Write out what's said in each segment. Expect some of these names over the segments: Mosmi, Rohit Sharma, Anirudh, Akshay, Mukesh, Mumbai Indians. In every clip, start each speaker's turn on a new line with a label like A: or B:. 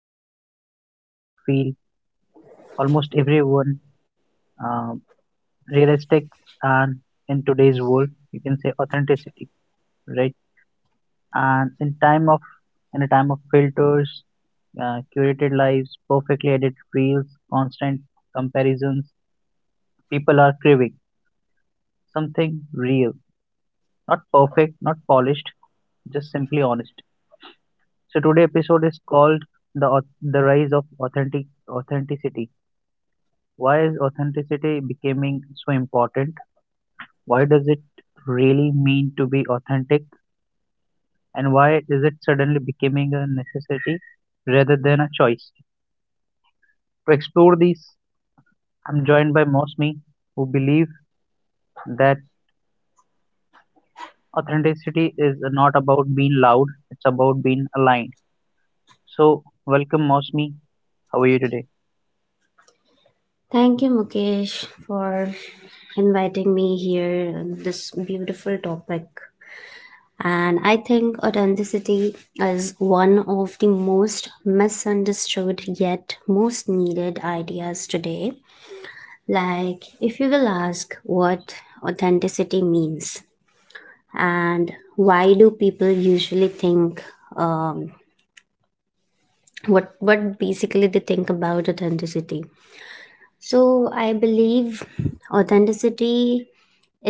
A: About something that feel almost everyone uh, realistic, and in today's world, you can say authenticity, right? And in a time of filters, curated lives, perfectly edited reels, constant comparisons, people are craving something real, not perfect, not polished, just simply honest. So today episode is called the rise of authenticity. Why is authenticity becoming so important? Why does it really mean to be authentic? And why is it suddenly becoming a necessity rather than a choice? To explore these, I'm joined by Mosmi, who believe that authenticity is not about being loud; it's about being aligned. So welcome, Mosmi. How are you today?
B: Thank you, Mukesh, for inviting me here on this beautiful topic. And I think authenticity is one of the most misunderstood yet most needed ideas today. Like, if you will ask what authenticity means and why do people usually think um, what basically they think about authenticity, so I believe authenticity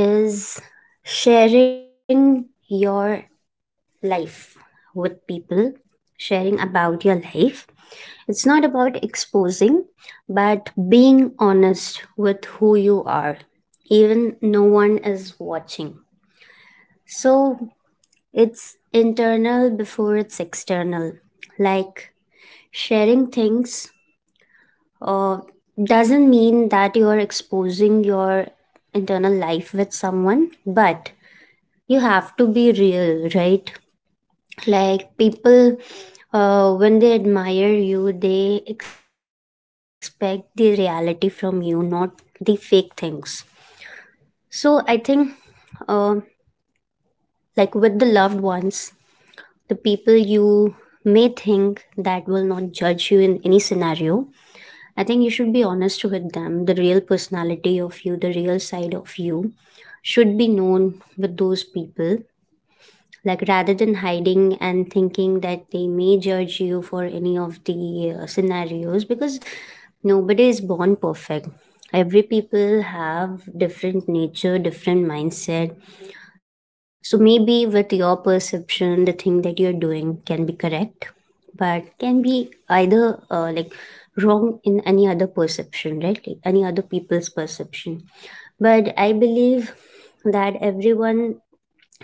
B: is sharing your life with people, sharing about your life. It's not about exposing, but being honest with who you are, even no one is watching. So it's internal before it's external. Like sharing things uh, doesn't mean that you're exposing your internal life with someone, but you have to be real, right? Like people when they admire you, they expect the reality from you, not the fake things. So I think uh, like with the loved ones, the people you may think that will not judge you in any scenario, I think you should be honest with them. The real personality of you, the real side of you should be known with those people, like rather than hiding and thinking that they may judge you for any of the scenarios, because nobody is born perfect. Every people have different nature, different mindset. So maybe with your perception the thing that you're doing can be correct, but can be either like wrong in any other perception, right? Like any other people's perception. But I believe that everyone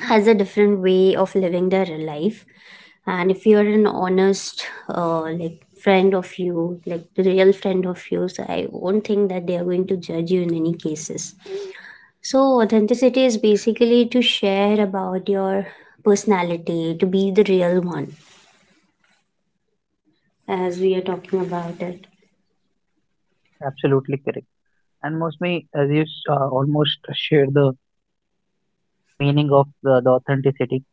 B: has a different way of living their life, and if you're an honest like friend of you, like the real friend of yours, I won't think that they are going to judge you in any cases. So authenticity is basically to share about your personality, to be the real one, as we are talking about it.
A: Absolutely correct. And mostly, as you almost share the meaning of the authenticity,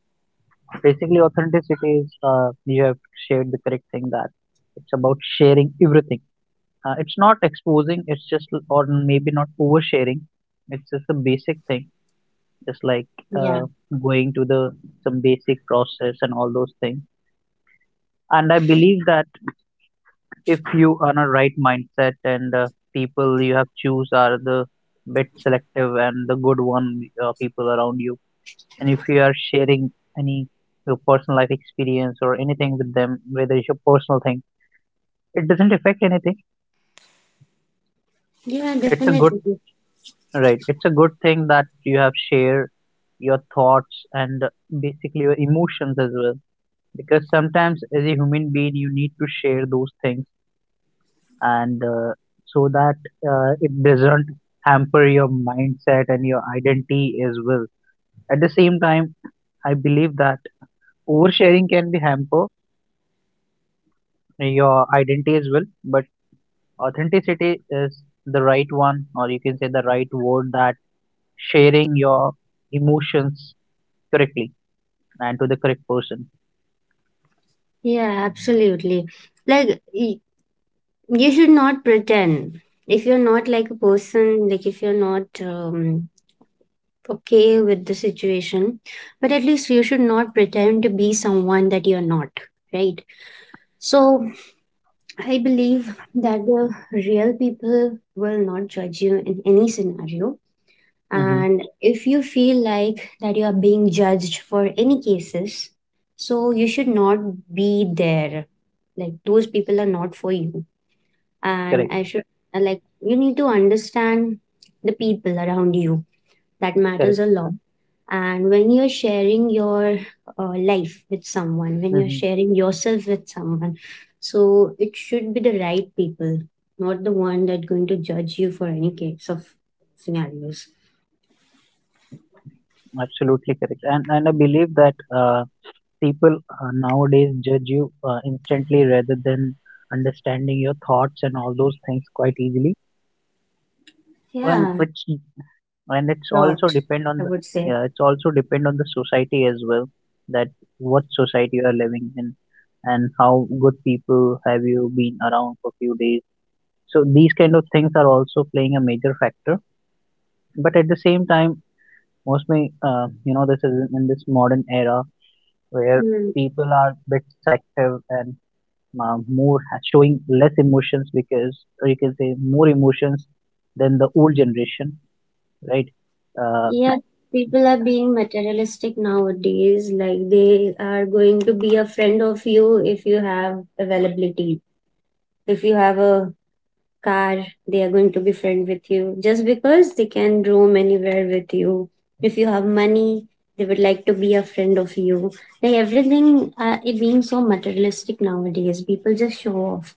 A: basically authenticity is, you have shared the correct thing that it's about sharing everything. It's not exposing, it's just, or maybe not oversharing. It's just a basic thing, just like
B: Yeah.
A: uh, going to the some basic process and all those things. And I believe that if you are in a right mindset, and people you have choose are the bit selective and the good one, people around you, and if you are sharing any your personal life experience or anything with them, whether it's your personal thing, it doesn't affect anything.
B: Yeah,
A: It's a good,
B: definitely.
A: right, it's a good thing that you have shared your thoughts and basically your emotions as well, because sometimes as a human being you need to share those things. And so that, it doesn't hamper your mindset and your identity as well. At the same time, I believe that oversharing can be hamper your identity as well, but authenticity is the right one, or you can say the right word, that sharing your emotions correctly, and to the correct person.
B: Yeah, absolutely. Like, you should not pretend if you're not like a person, like if you're not okay with the situation, but at least you should not pretend to be someone that you're not, right? So I believe that the real people will not judge you in any scenario.
A: Hmm.
B: And if you feel like that you are being judged for any cases, so you should not be there. Like those people are not for you. And
A: Correct.
B: I should like, you need to understand the people around you. That matters
A: Correct.
B: a lot. And when you're sharing your life with someone, when you're
A: Hmm.
B: sharing yourself with someone, so it should be the right people, not the one that going to judge you for any case of scenarios.
A: Absolutely correct. And I believe that, uh, people nowadays judge you instantly, rather than understanding your thoughts and all those things quite easily. Well,
B: Yeah,
A: it's,
B: lot, I
A: and
B: would
A: it's
B: say.
A: also depend on the, yeah, it's also depend on the society as well, that what society you are living in, and how good people have you been around for few days. So these kind of things are also playing a major factor. But at the same time, mostly, you know, this is in this modern era where
B: Mm.
A: people are bit selective and, showing less emotions, because, or you can say, more emotions than the old generation, right? Uh,
B: Yeah, people are being materialistic nowadays. Like they are going to be a friend of you if you have availability, if you have a car, they are going to be friend with you just because they can roam anywhere with you. If you have money, they would like to be a friend of you. Like everything, it being so materialistic nowadays, people just show off.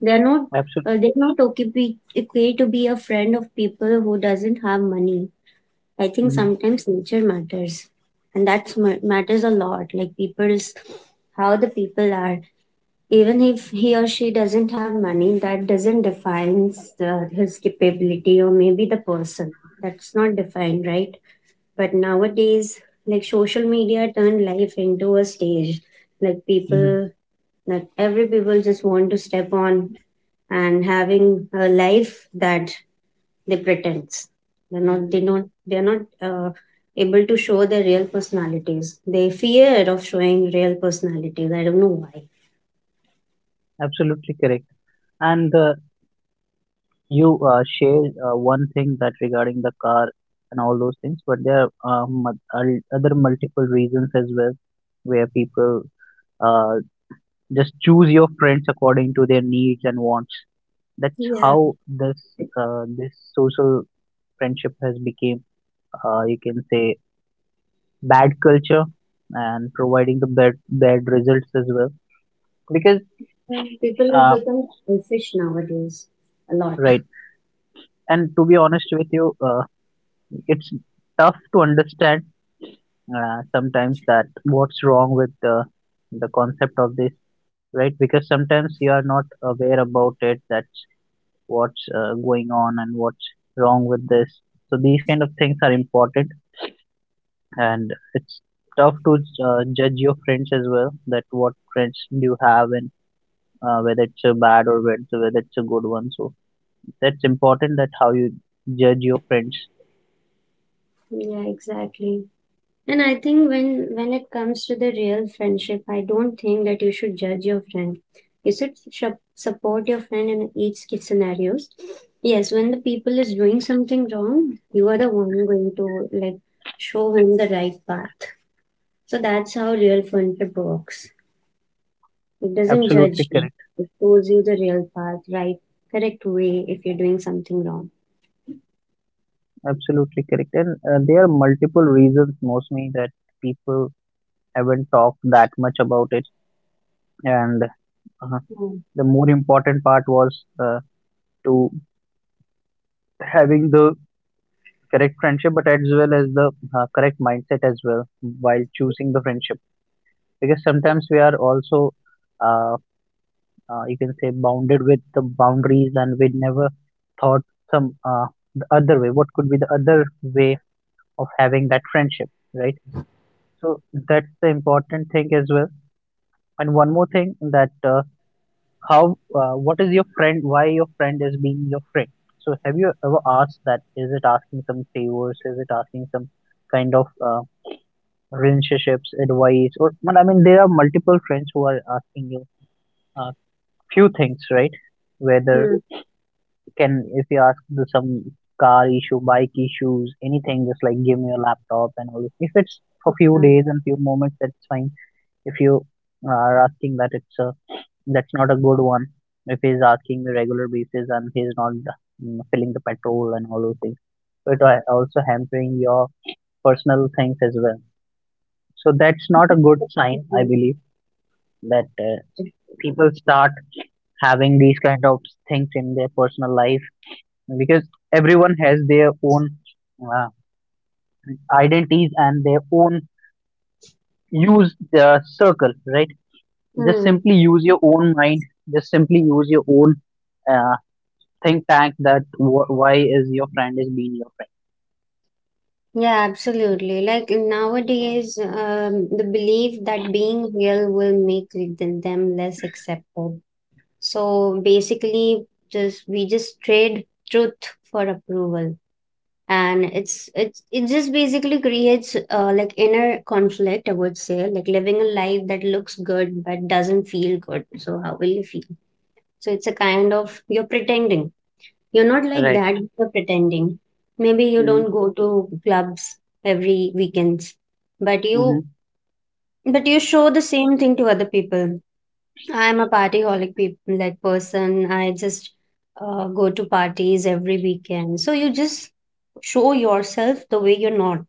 B: They are not
A: Absolutely.
B: they are not okay be, okay to be a friend of people who doesn't have money. I think
A: Mhm.
B: sometimes nature matters, and that matters a lot. Like people's, how the people are, even if he or she doesn't have money, that doesn't define his capability or maybe the person. That's not defined, right? But nowadays, like social media turned life into a stage, like
A: Mhm.
B: people, that every people just want to step on and having a life that they pretends. They're not, they not, they're not able to show their real personalities. They fear of showing real personalities. I don't know
A: Absolutely correct. And you shared one thing that regarding the car and all those things, but there are other multiple reasons as well where people, uh, just choose your friends according to their needs and wants. That's
B: why.
A: how this, this social friendship has become. You can say bad culture, and providing the bad results as well, because,
B: People have
A: uh,
B: become selfish nowadays a lot.
A: right. And to be honest with you. It's tough to understand sometimes, that what's wrong with the concept of this, right? Because sometimes you are not aware about it, that's what's going on, and what's wrong with this. So these kind of things are important. And it's tough to judge your friends as well, that what friends do you have, and whether it's a bad, or whether it's a good one. So that's important, that how you judge your friends.
B: Yeah, exactly. And I think when it comes to the real friendship, I don't think that you should judge your friend. You should support your friend in each scenarios. Yes, when the people is doing something wrong, you are the one going to like show him the right path. So that's how real friendship works. It doesn't
A: Absolutely
B: judge you.
A: correct.
B: It shows you the real path, right, correct way if you're doing something wrong.
A: Absolutely correct. And there are multiple reasons, mostly, that people haven't talked that much about it. And uh,
B: Hmm.
A: the more important part was to having the correct friendship, but as well as the correct mindset as well while choosing the friendship. Because sometimes we are also, uh, you can say, bounded with the boundaries, and we never thought some, the other way. What could be the other way of having that friendship, right? So that's the important thing as well. And one more thing, that how, what is your friend? Why your friend is being your friend? So have you ever asked that? Is it asking some favors? Is it asking some kind of relationships advice? Or, well, I mean, there are multiple friends who are asking you uh, few things, right? Whether, can, if you ask the, some car issue, bike issues, anything, just like give me a laptop and all. This. If it's for few
B: Hmm.
A: days and few moments, that's fine. If you are asking that, it's a, that's not a good one. If he's asking the regular basis, and he's not, filling the petrol and all those things, so it are also hampering your personal things as well. So that's not a good sign, I believe, that people start having these kind of things in their personal life, because everyone has their own uh, identities, and their own use circle, right? Just
B: Hmm.
A: simply use your own mind. Just simply use your own uh, think tank, that why is your friend is being your
B: Yeah, absolutely. Like nowadays, the belief that being real will make them less accepted. So basically, just we just trade truth for approval, and it just basically creates like inner conflict, I would say. Like living a life that looks good but doesn't feel good. So how will you feel? So it's a kind of you're pretending. You're not
A: friend.
B: like
A: Right.
B: that, you're pretending. Maybe you don't go to clubs every weekends, but you
A: Mm-hmm.
B: but you show the same thing to other people. I'm a partyholic peop like person. I just go to parties every weekend. So you just show yourself the way you're not.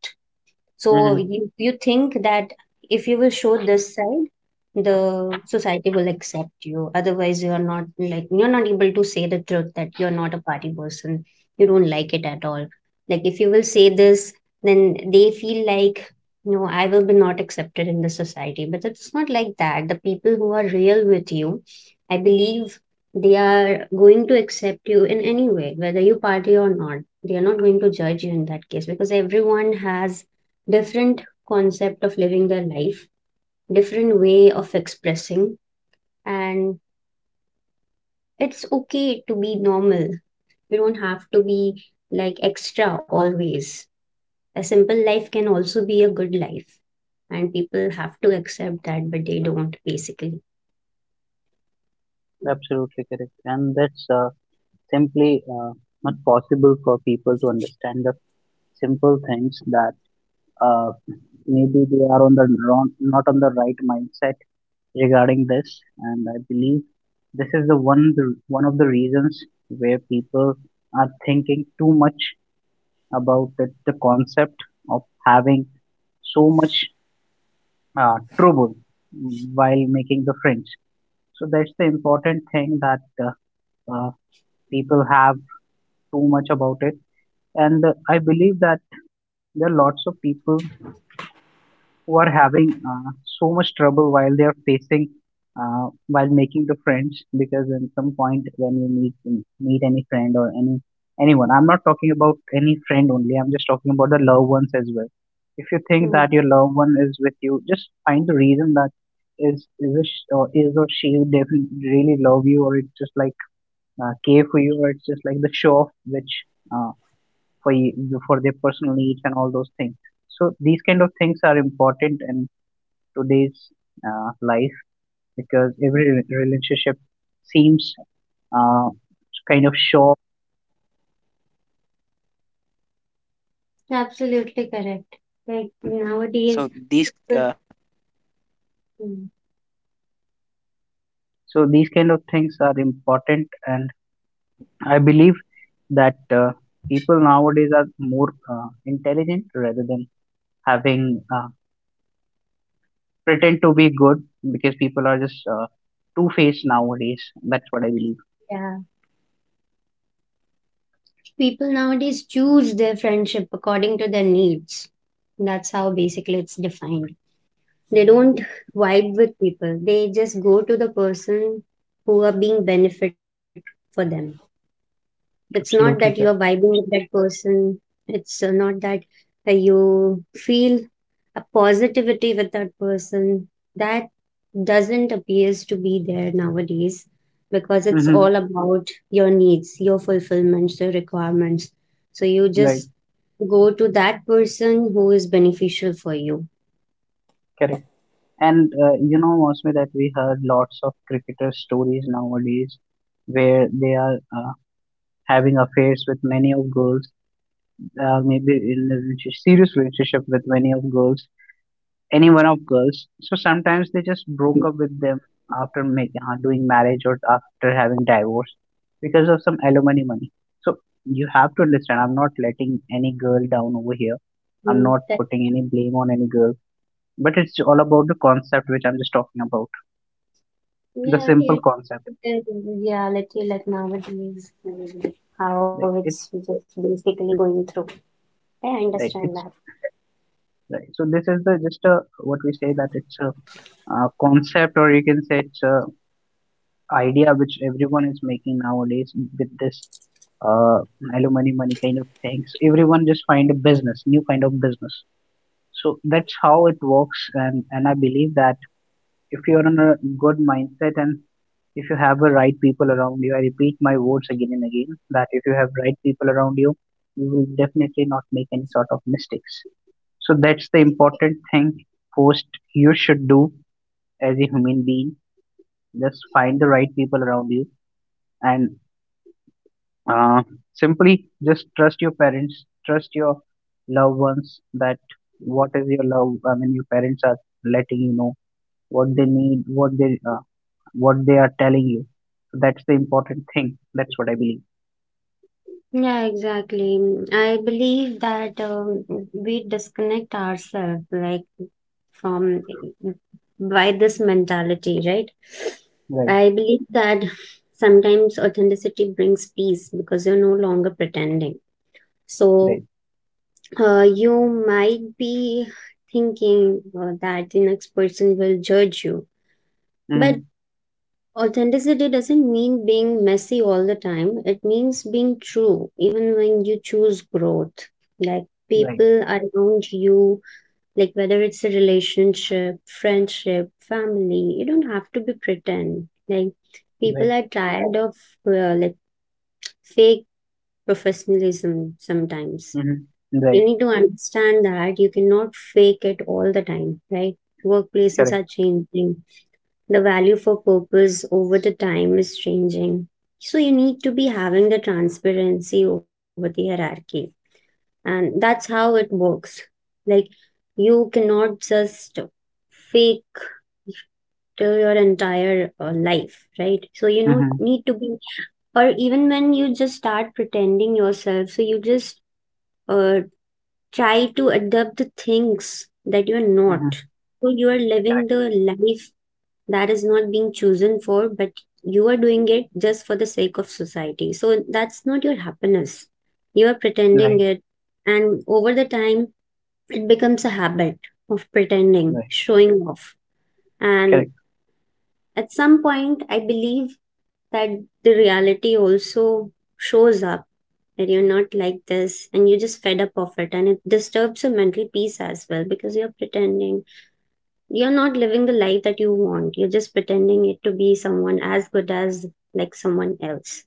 B: So
A: Hmm.
B: you think that if you will show this side, the society will accept you. Otherwise, you are not like, you're not able to say the truth that you're not a party person. You don't like it at all. Like if you will say this, then they feel like no, I will be not accepted in the society. But it's not like that. The people who are real with you, I believe, they are going to accept you in any way, whether you party or not. They are not going to judge you in that case because everyone has different concept of living their life, different way of expressing, and it's okay to be normal. You don't have to be like extra always. A simple life can also be a good life, and people have to accept that, but they don't basically.
A: Absolutely correct. And that's, simply, not possible for people to understand the simple things, that, uh, maybe they are on the wrong, not on the right mindset regarding this. And I believe this is one of the reasons where people are thinking too much about it, the concept of having so much trouble while making the friends. So that's the important thing, that uh, people have too much about it. And I believe that there are lots of people who are having so much trouble while they are facing, while making the friends, because in some point when you meet any friend, or any anyone, I'm not talking about any friend only, I'm just talking about the loved ones as well. If you think
B: Mm.
A: that your loved one is with you, just find the reason that is it sh- or is or she definitely really love you, or it's just like care for you, or it's just like the show off, which uh, for you, for their personal needs and all those things. So these kind of things are important, and today's life, because every relationship seems, uh, kind of,
B: Absolutely correct. Like nowadays, people- Mm,
A: and I believe that people nowadays are more intelligent, rather than having pretend to be good, because people are just two faced nowadays. That's what I believe.
B: yeah, people nowadays choose their friendship according to their needs. That's how basically it's defined. They don't vibe with people, they just go to the person who are being benefit for them. It's not that you are
A: Absolutely correct.
B: vibing with that person. It's not that you feel a positivity with that person. That doesn't appears to be there nowadays, because it's
A: Mm-hmm.
B: all about your needs, your fulfillments, your requirements. So you
A: Right,
B: just go to that person who is beneficial for you.
A: correct. And you know, Mosme, that we heard lots of cricketer stories nowadays, where they are having affairs with many of girls, maybe in a serious relationship with many of girls, any one of girls. So sometimes they just broke up with them after doing marriage, or after having divorce, because of some alimony money. So you have to understand. I'm not letting any girl down over here. I'm
B: Mm,
A: not
B: that.
A: putting any blame on any girl. But it's all about the concept which I'm just talking about. The
B: Yeah,
A: simple concept.
B: it, yeah, let's say like nowadays, mm, how
A: Like,
B: it's
A: It's
B: just basically going through. I
A: like
B: understand that.
A: it's like, so. This is the just a what we say, that it's a, concept, or you can say it's a idea which everyone is making nowadays, with this, uh, hello money money kind of things, everyone just find a business, new kind of business. So that's how it works. And I believe that, if you're in a good mindset, and if you have the right people around you, I repeat my words again and again, that if you have right people around you, you will definitely not make any sort of mistakes. So that's the important thing first you should do as a human being, just find the right people around you. And, uh, simply just trust your parents, trust your loved ones, that what is your love, I mean, your parents are letting you know what they need, what they are telling you. That's the important thing, that's what I believe.
B: Yeah, exactly. Mm, I believe that we disconnect ourselves like from, by this mentality, right?
A: Right.
B: I believe that sometimes authenticity brings peace because you're no longer pretending.
A: Right.
B: So you might be thinking that the next person will judge you. But
A: Mm-hmm.
B: authenticity doesn't mean being messy all the time, it means being true, even when you choose growth. Like
A: Right.
B: people around you, like whether it's a relationship, friendship, family, you don't have to be pretend. Like
A: Right.
B: people are tired of like fake professionalism sometimes.
A: Mm-hmm.
B: You
A: Right.
B: need to understand that you cannot fake it all the time, right? Workplaces
A: Correct.
B: are changing. The value for purpose over the time is changing. So you need to be having the transparency over the hierarchy. And that's how it works. Like you cannot just fake till your entire life, right? So you know
A: Mm-hmm.
B: need to be, or even when you just start pretending yourself, so you just uh, try to adapt the things that you are not.
A: Mm-hmm.
B: So you are
A: Correct.
B: living the life that is not being chosen for, but you are doing it just for the sake of society. So that's not your happiness. You are pretending
A: Right.
B: it, and over the time, it becomes a habit of pretending,
A: Right.
B: showing off. And
A: Correct.
B: at some point, I believe that the reality also shows up that you're not like this and you're just fed up of it, and it disturbs your mental peace as well, because you're pretending. You're not living the life that you want, you're just pretending it to be someone as good as like someone else.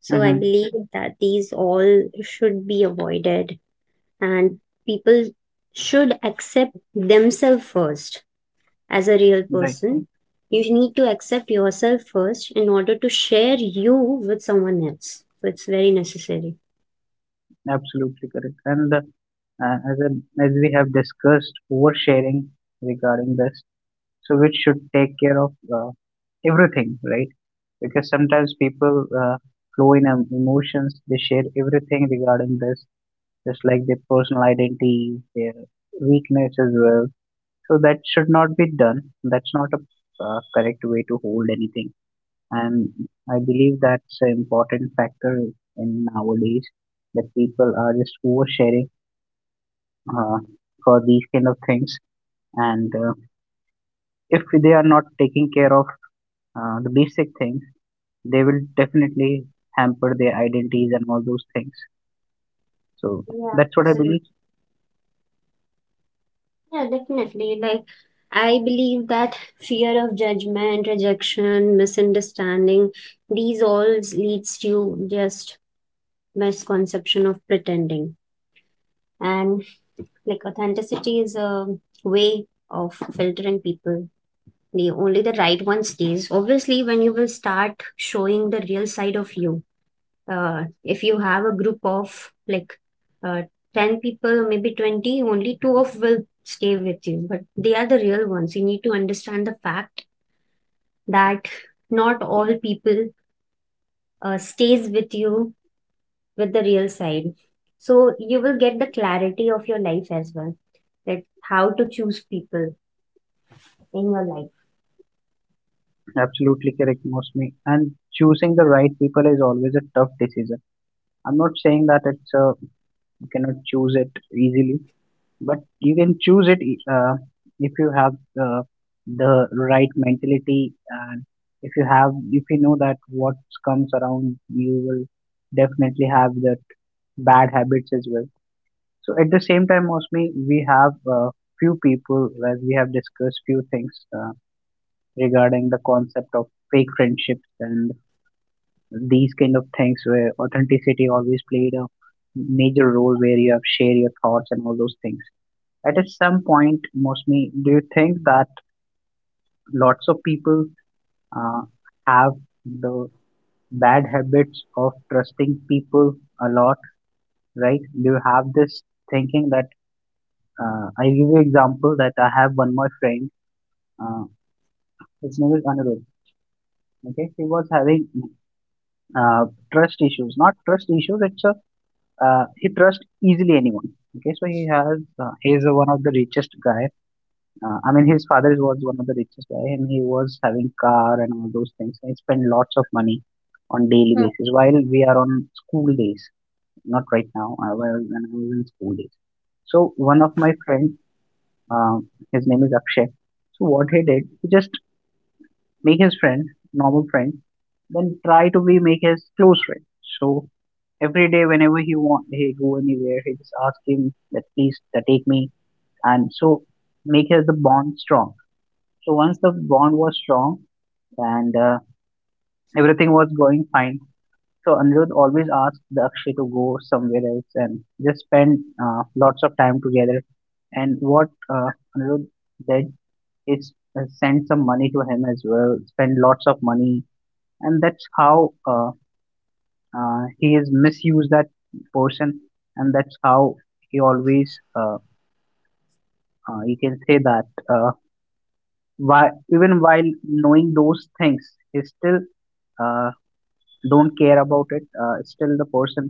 B: So I
A: Mm-hmm.
B: believe that these all should be avoided, and people should accept themselves first as a real
A: Right.
B: person. You need to accept yourself first in order to share you with someone else. So it's very necessary.
A: Absolutely correct. And uh, as, a, as we have discussed oversharing regarding this, so which should take care of uh, everything, right? Because sometimes people flow in emotions, they share everything regarding this, just like their personal identity, their weakness as well. So that should not be done. That's not a correct way to hold anything. And I believe that's an important factor in nowadays, that people are just oversharing, uh, for these kind of things. And if they are not taking care of the basic things, they will definitely hamper their identities and all those things. So
B: Yeah,
A: that's what I believe.
B: absolutely. Yeah, definitely. Like, I believe that fear of judgment, rejection, misunderstanding, these all leads to just misconception of pretending. And like authenticity is a way of filtering people. The only the right one stays, obviously, when you will start showing the real side of you. If you have a group of like uh, 10 people, maybe 20, only two of will stay with you, but they are the real ones. You need to understand the fact that not all people stays with you with the real side. So you will get the clarity of your life as well, that how to choose people in your life.
A: Absolutely correct, mostly. And choosing the right people is always a tough decision. I'm not saying that it's you cannot choose it easily, but you can choose it if you have uh, the right mentality and if you know that what comes around you will definitely have that bad habits as well. So at the same time, Mosmi, we have few people where we have discussed few things regarding the concept of fake friendships and these kind of things where authenticity always played a major role where you have share your thoughts and all those things. At a some point, Mosmi, do you think that lots of people uh, have the bad habits of trusting people a lot, right? Do you have this thinking that I give you example that I have one more friend, uh, his name is Anirudh. Okay, he was having uh, trust issues. Not trust issues. It's a he trusts easily anyone. Okay, so he is one of the richest guy. I mean, his father was one of the richest guy, and he was having car and all those things. He spent lots of money on daily basis while we are on school days. Not right now. I was when I was in school days. So one of my friend, uh, his name is Akshay. So what he did, he just make his friend, normal friend, then try to be make his close friend. So every day whenever he want he go anywhere, he just ask him that please take me and so make his the bond strong. So once the bond was strong and everything was going fine. So Anirudh always asked the Akshay to go somewhere else and just spend lots of time together. And what Anirudh did is send some money to him as well, spend lots of money and that's how he has misused that person, and that's how he always you can say that uh, why even while knowing those things he still uh, don't care about it, still the person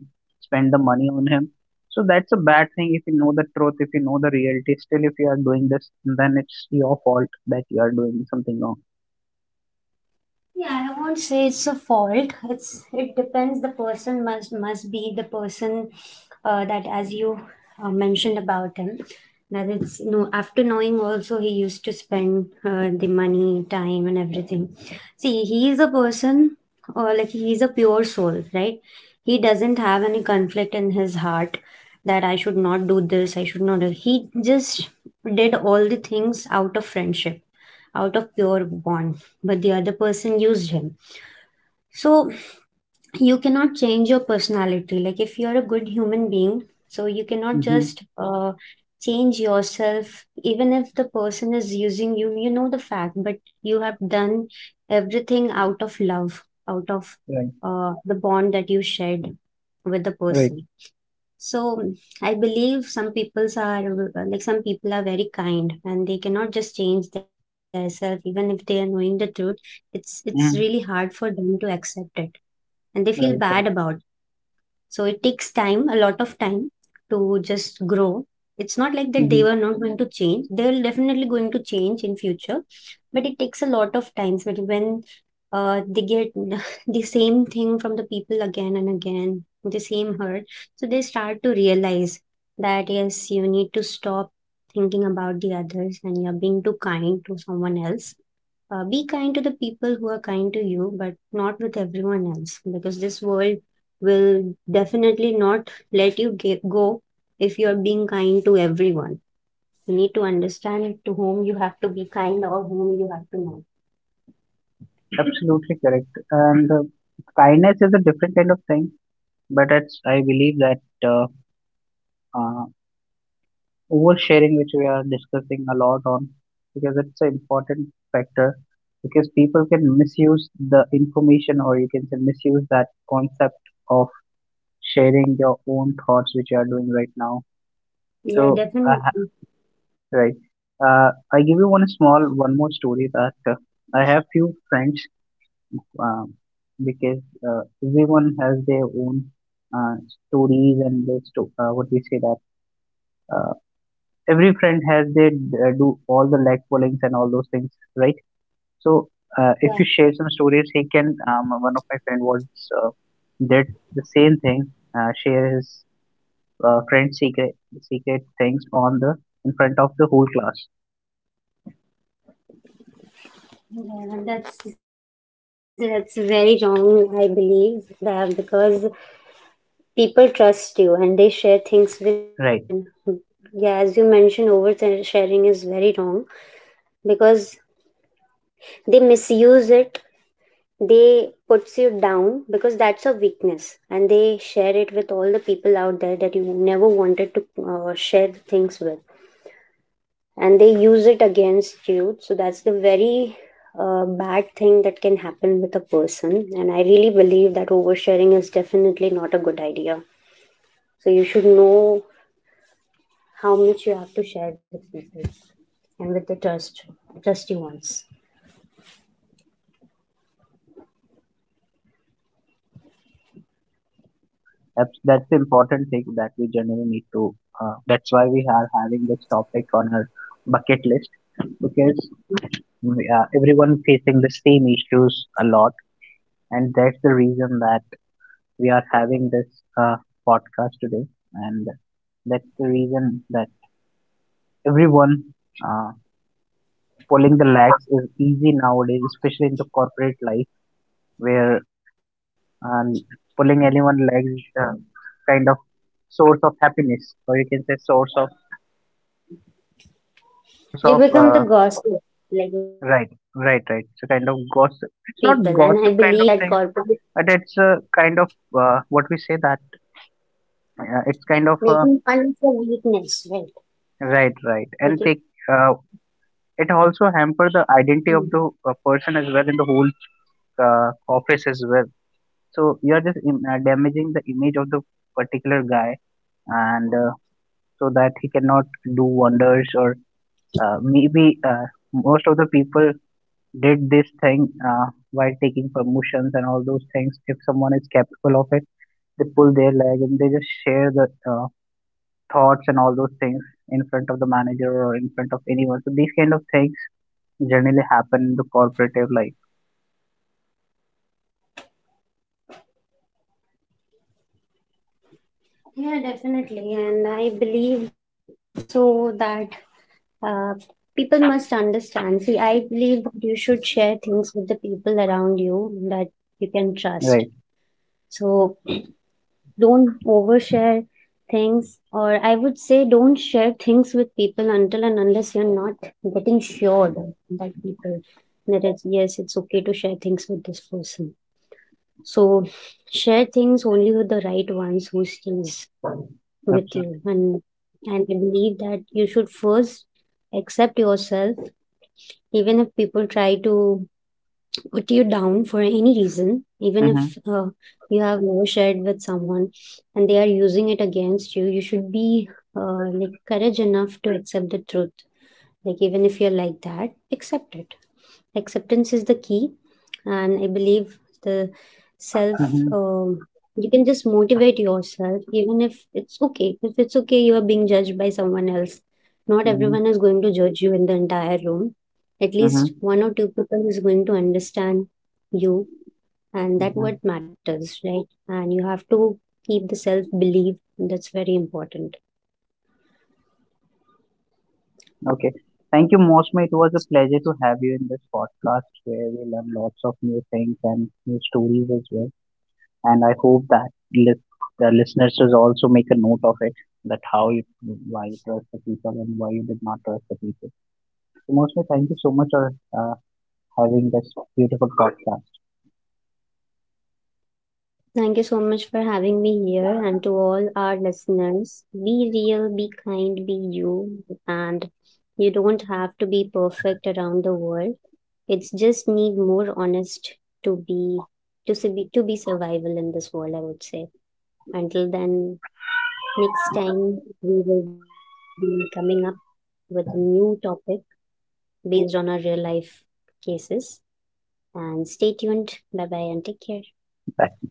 A: spend the money on him. So that's a bad thing. If you know the truth, if you know the reality, still if you are doing this, then it's your fault that you are doing something wrong.
B: Yeah, I won't say it's a fault. It's, it depends. The person must be the person that, as you mentioned about him, that it's no. After knowing, also he used to spend the money, time, and everything. See, he is a person, or like he is a pure soul, right? He doesn't have any conflict in his heart that I should not do this. I should not. Do-" He just did all the things out of friendship, out of pure bond, but the other person used him. So you cannot change your personality. Like if you're a good human being, so you cannot
A: hmm
B: just change yourself even if the person is using you. You know the fact, but you have done everything out of love, out of
A: right.
B: the bond that you shared with the
A: right
B: person. So I believe some peoples are like some people are very kind and they cannot just change themselves even if they are knowing the truth. It's really
A: mm
B: hard for them to accept it, and they feel bad
A: right.
B: about. So it takes time, a lot of time to just grow. It's not like that they
A: Hmm
B: were not going to change. They're definitely going to change in future, but it takes a lot of times. But when they get the same thing from the people again and again, the same hurt, so they start to realize that yes, you need to stop thinking about the others and you're being too kind to someone else. Be kind to the people who are kind to you, but not with everyone else, because this world will definitely not let you go if you are being kind to everyone. You need to understand to whom you have to be kind or whom you have to not.
A: Absolutely correct. And kindness is a different kind of thing, but it's I believe that uh, oversharing, which we are discussing a lot on, because it's an important factor, because people can misuse the information, or you can say misuse that concept of sharing your own thoughts, which you are doing right now.
B: Yeah,
A: So, uh,
B: definitely.
A: right, I give you one small, one more story that I have few friends, um, because everyone has their own uh, stories and their what we say that uh, every friend has their do all the leg pullings and all those things, right? So if you
B: Yeah,
A: share some stories, he can. One of my friend was uh, did the same thing, share his friend's secret things on the in front of the whole class,
B: yeah, that's very wrong, I believe, that because people trust you and they share things with you.
A: right?
B: And yeah, as you mentioned, oversharing is very wrong because they misuse it, they puts you down because that's a weakness, and they share it with all the people out there that you never wanted to share things with, and they use it against you. So that's the very bad thing that can happen with a person. And I really believe that oversharing is definitely not a good idea. So you should know how much you have to share with people, and with the trust, trusty ones.
A: That's the important thing that we generally need to. That's why we are having this topic on our bucket list because we are everyone facing the same issues a lot, and that's the reason that we are having this uh, podcast today, and that's the reason that everyone uh, pulling the lags is easy nowadays, especially in the corporate life where, um, pulling anyone legs is kind of source of happiness or you can say source
B: You
A: of
B: become the
A: uh,
B: gossip, like when you
A: Right,
B: share things
A: right,
B: with
A: right. So kind of
B: people. And I
A: gossip. It's
B: believe
A: not
B: that
A: gossip
B: corporate
A: kind of things, but it's a kind of what we say that it's kind of
B: making fun is a weakness, right?
A: right, right,
B: Like it,
A: and take uh, it
B: mm.
A: also hamper the identity of the person as well in the whole uh, office as well. So you're just im damaging the image of the particular guy, and so that he cannot do wonders or, maybe uh, most of the people did this thing while taking promotions and all those things. If someone is capable of it, they pull their leg and they just share the thoughts and all those things in front of the manager or in front of anyone. So these kind of things generally happen in the corporative life.
B: Yeah, definitely. And I believe so that uh, people must understand. See, I believe that you should share things with the people around you that you can trust.
A: Right.
B: So don't overshare things, or I would say don't share things with people until and unless you're not getting sure that that people, that it's yes, it's okay to share things with this person. So share things only with the right ones who stays with you.
A: Absolutely.
B: And I believe that you should first accept yourself even if people try to put you down for any reason, even
A: Mm-hmm.
B: if you have never shared with someone and they are using it against you, you should be like courage enough to accept the truth. Like, even if you're like that, accept it. Acceptance is the key. And I believe the self,
A: Mm-hmm.
B: um, you can just motivate yourself. Even if it's okay, if it's okay you are being judged by someone else, not
A: Mm-hmm.
B: everyone is going to judge you in the entire room. At
A: Mm-hmm.
B: least one or two people is going to understand you, and that
A: Mm-hmm.
B: what matters, right? And you have to keep the self belief. That's very important.
A: Okay. Thank you, Mosme. It was a pleasure to have you in this podcast where we learn lots of new things and new stories as well. And I hope that the listeners should also make a note of it, that how you why you trust the people and why you did not trust the people. So mostly, thank you so much for uh, having this beautiful podcast.
B: Thank you so much for having me here, and to all our listeners, be real, be kind, be you, and you don't have to be perfect around the world. It's just need more honest to be, to be survival in this world, I would say. Until then, next time we will be coming up with a new topic based on our real life cases. And stay tuned. Bye bye and take care.
A: Bye.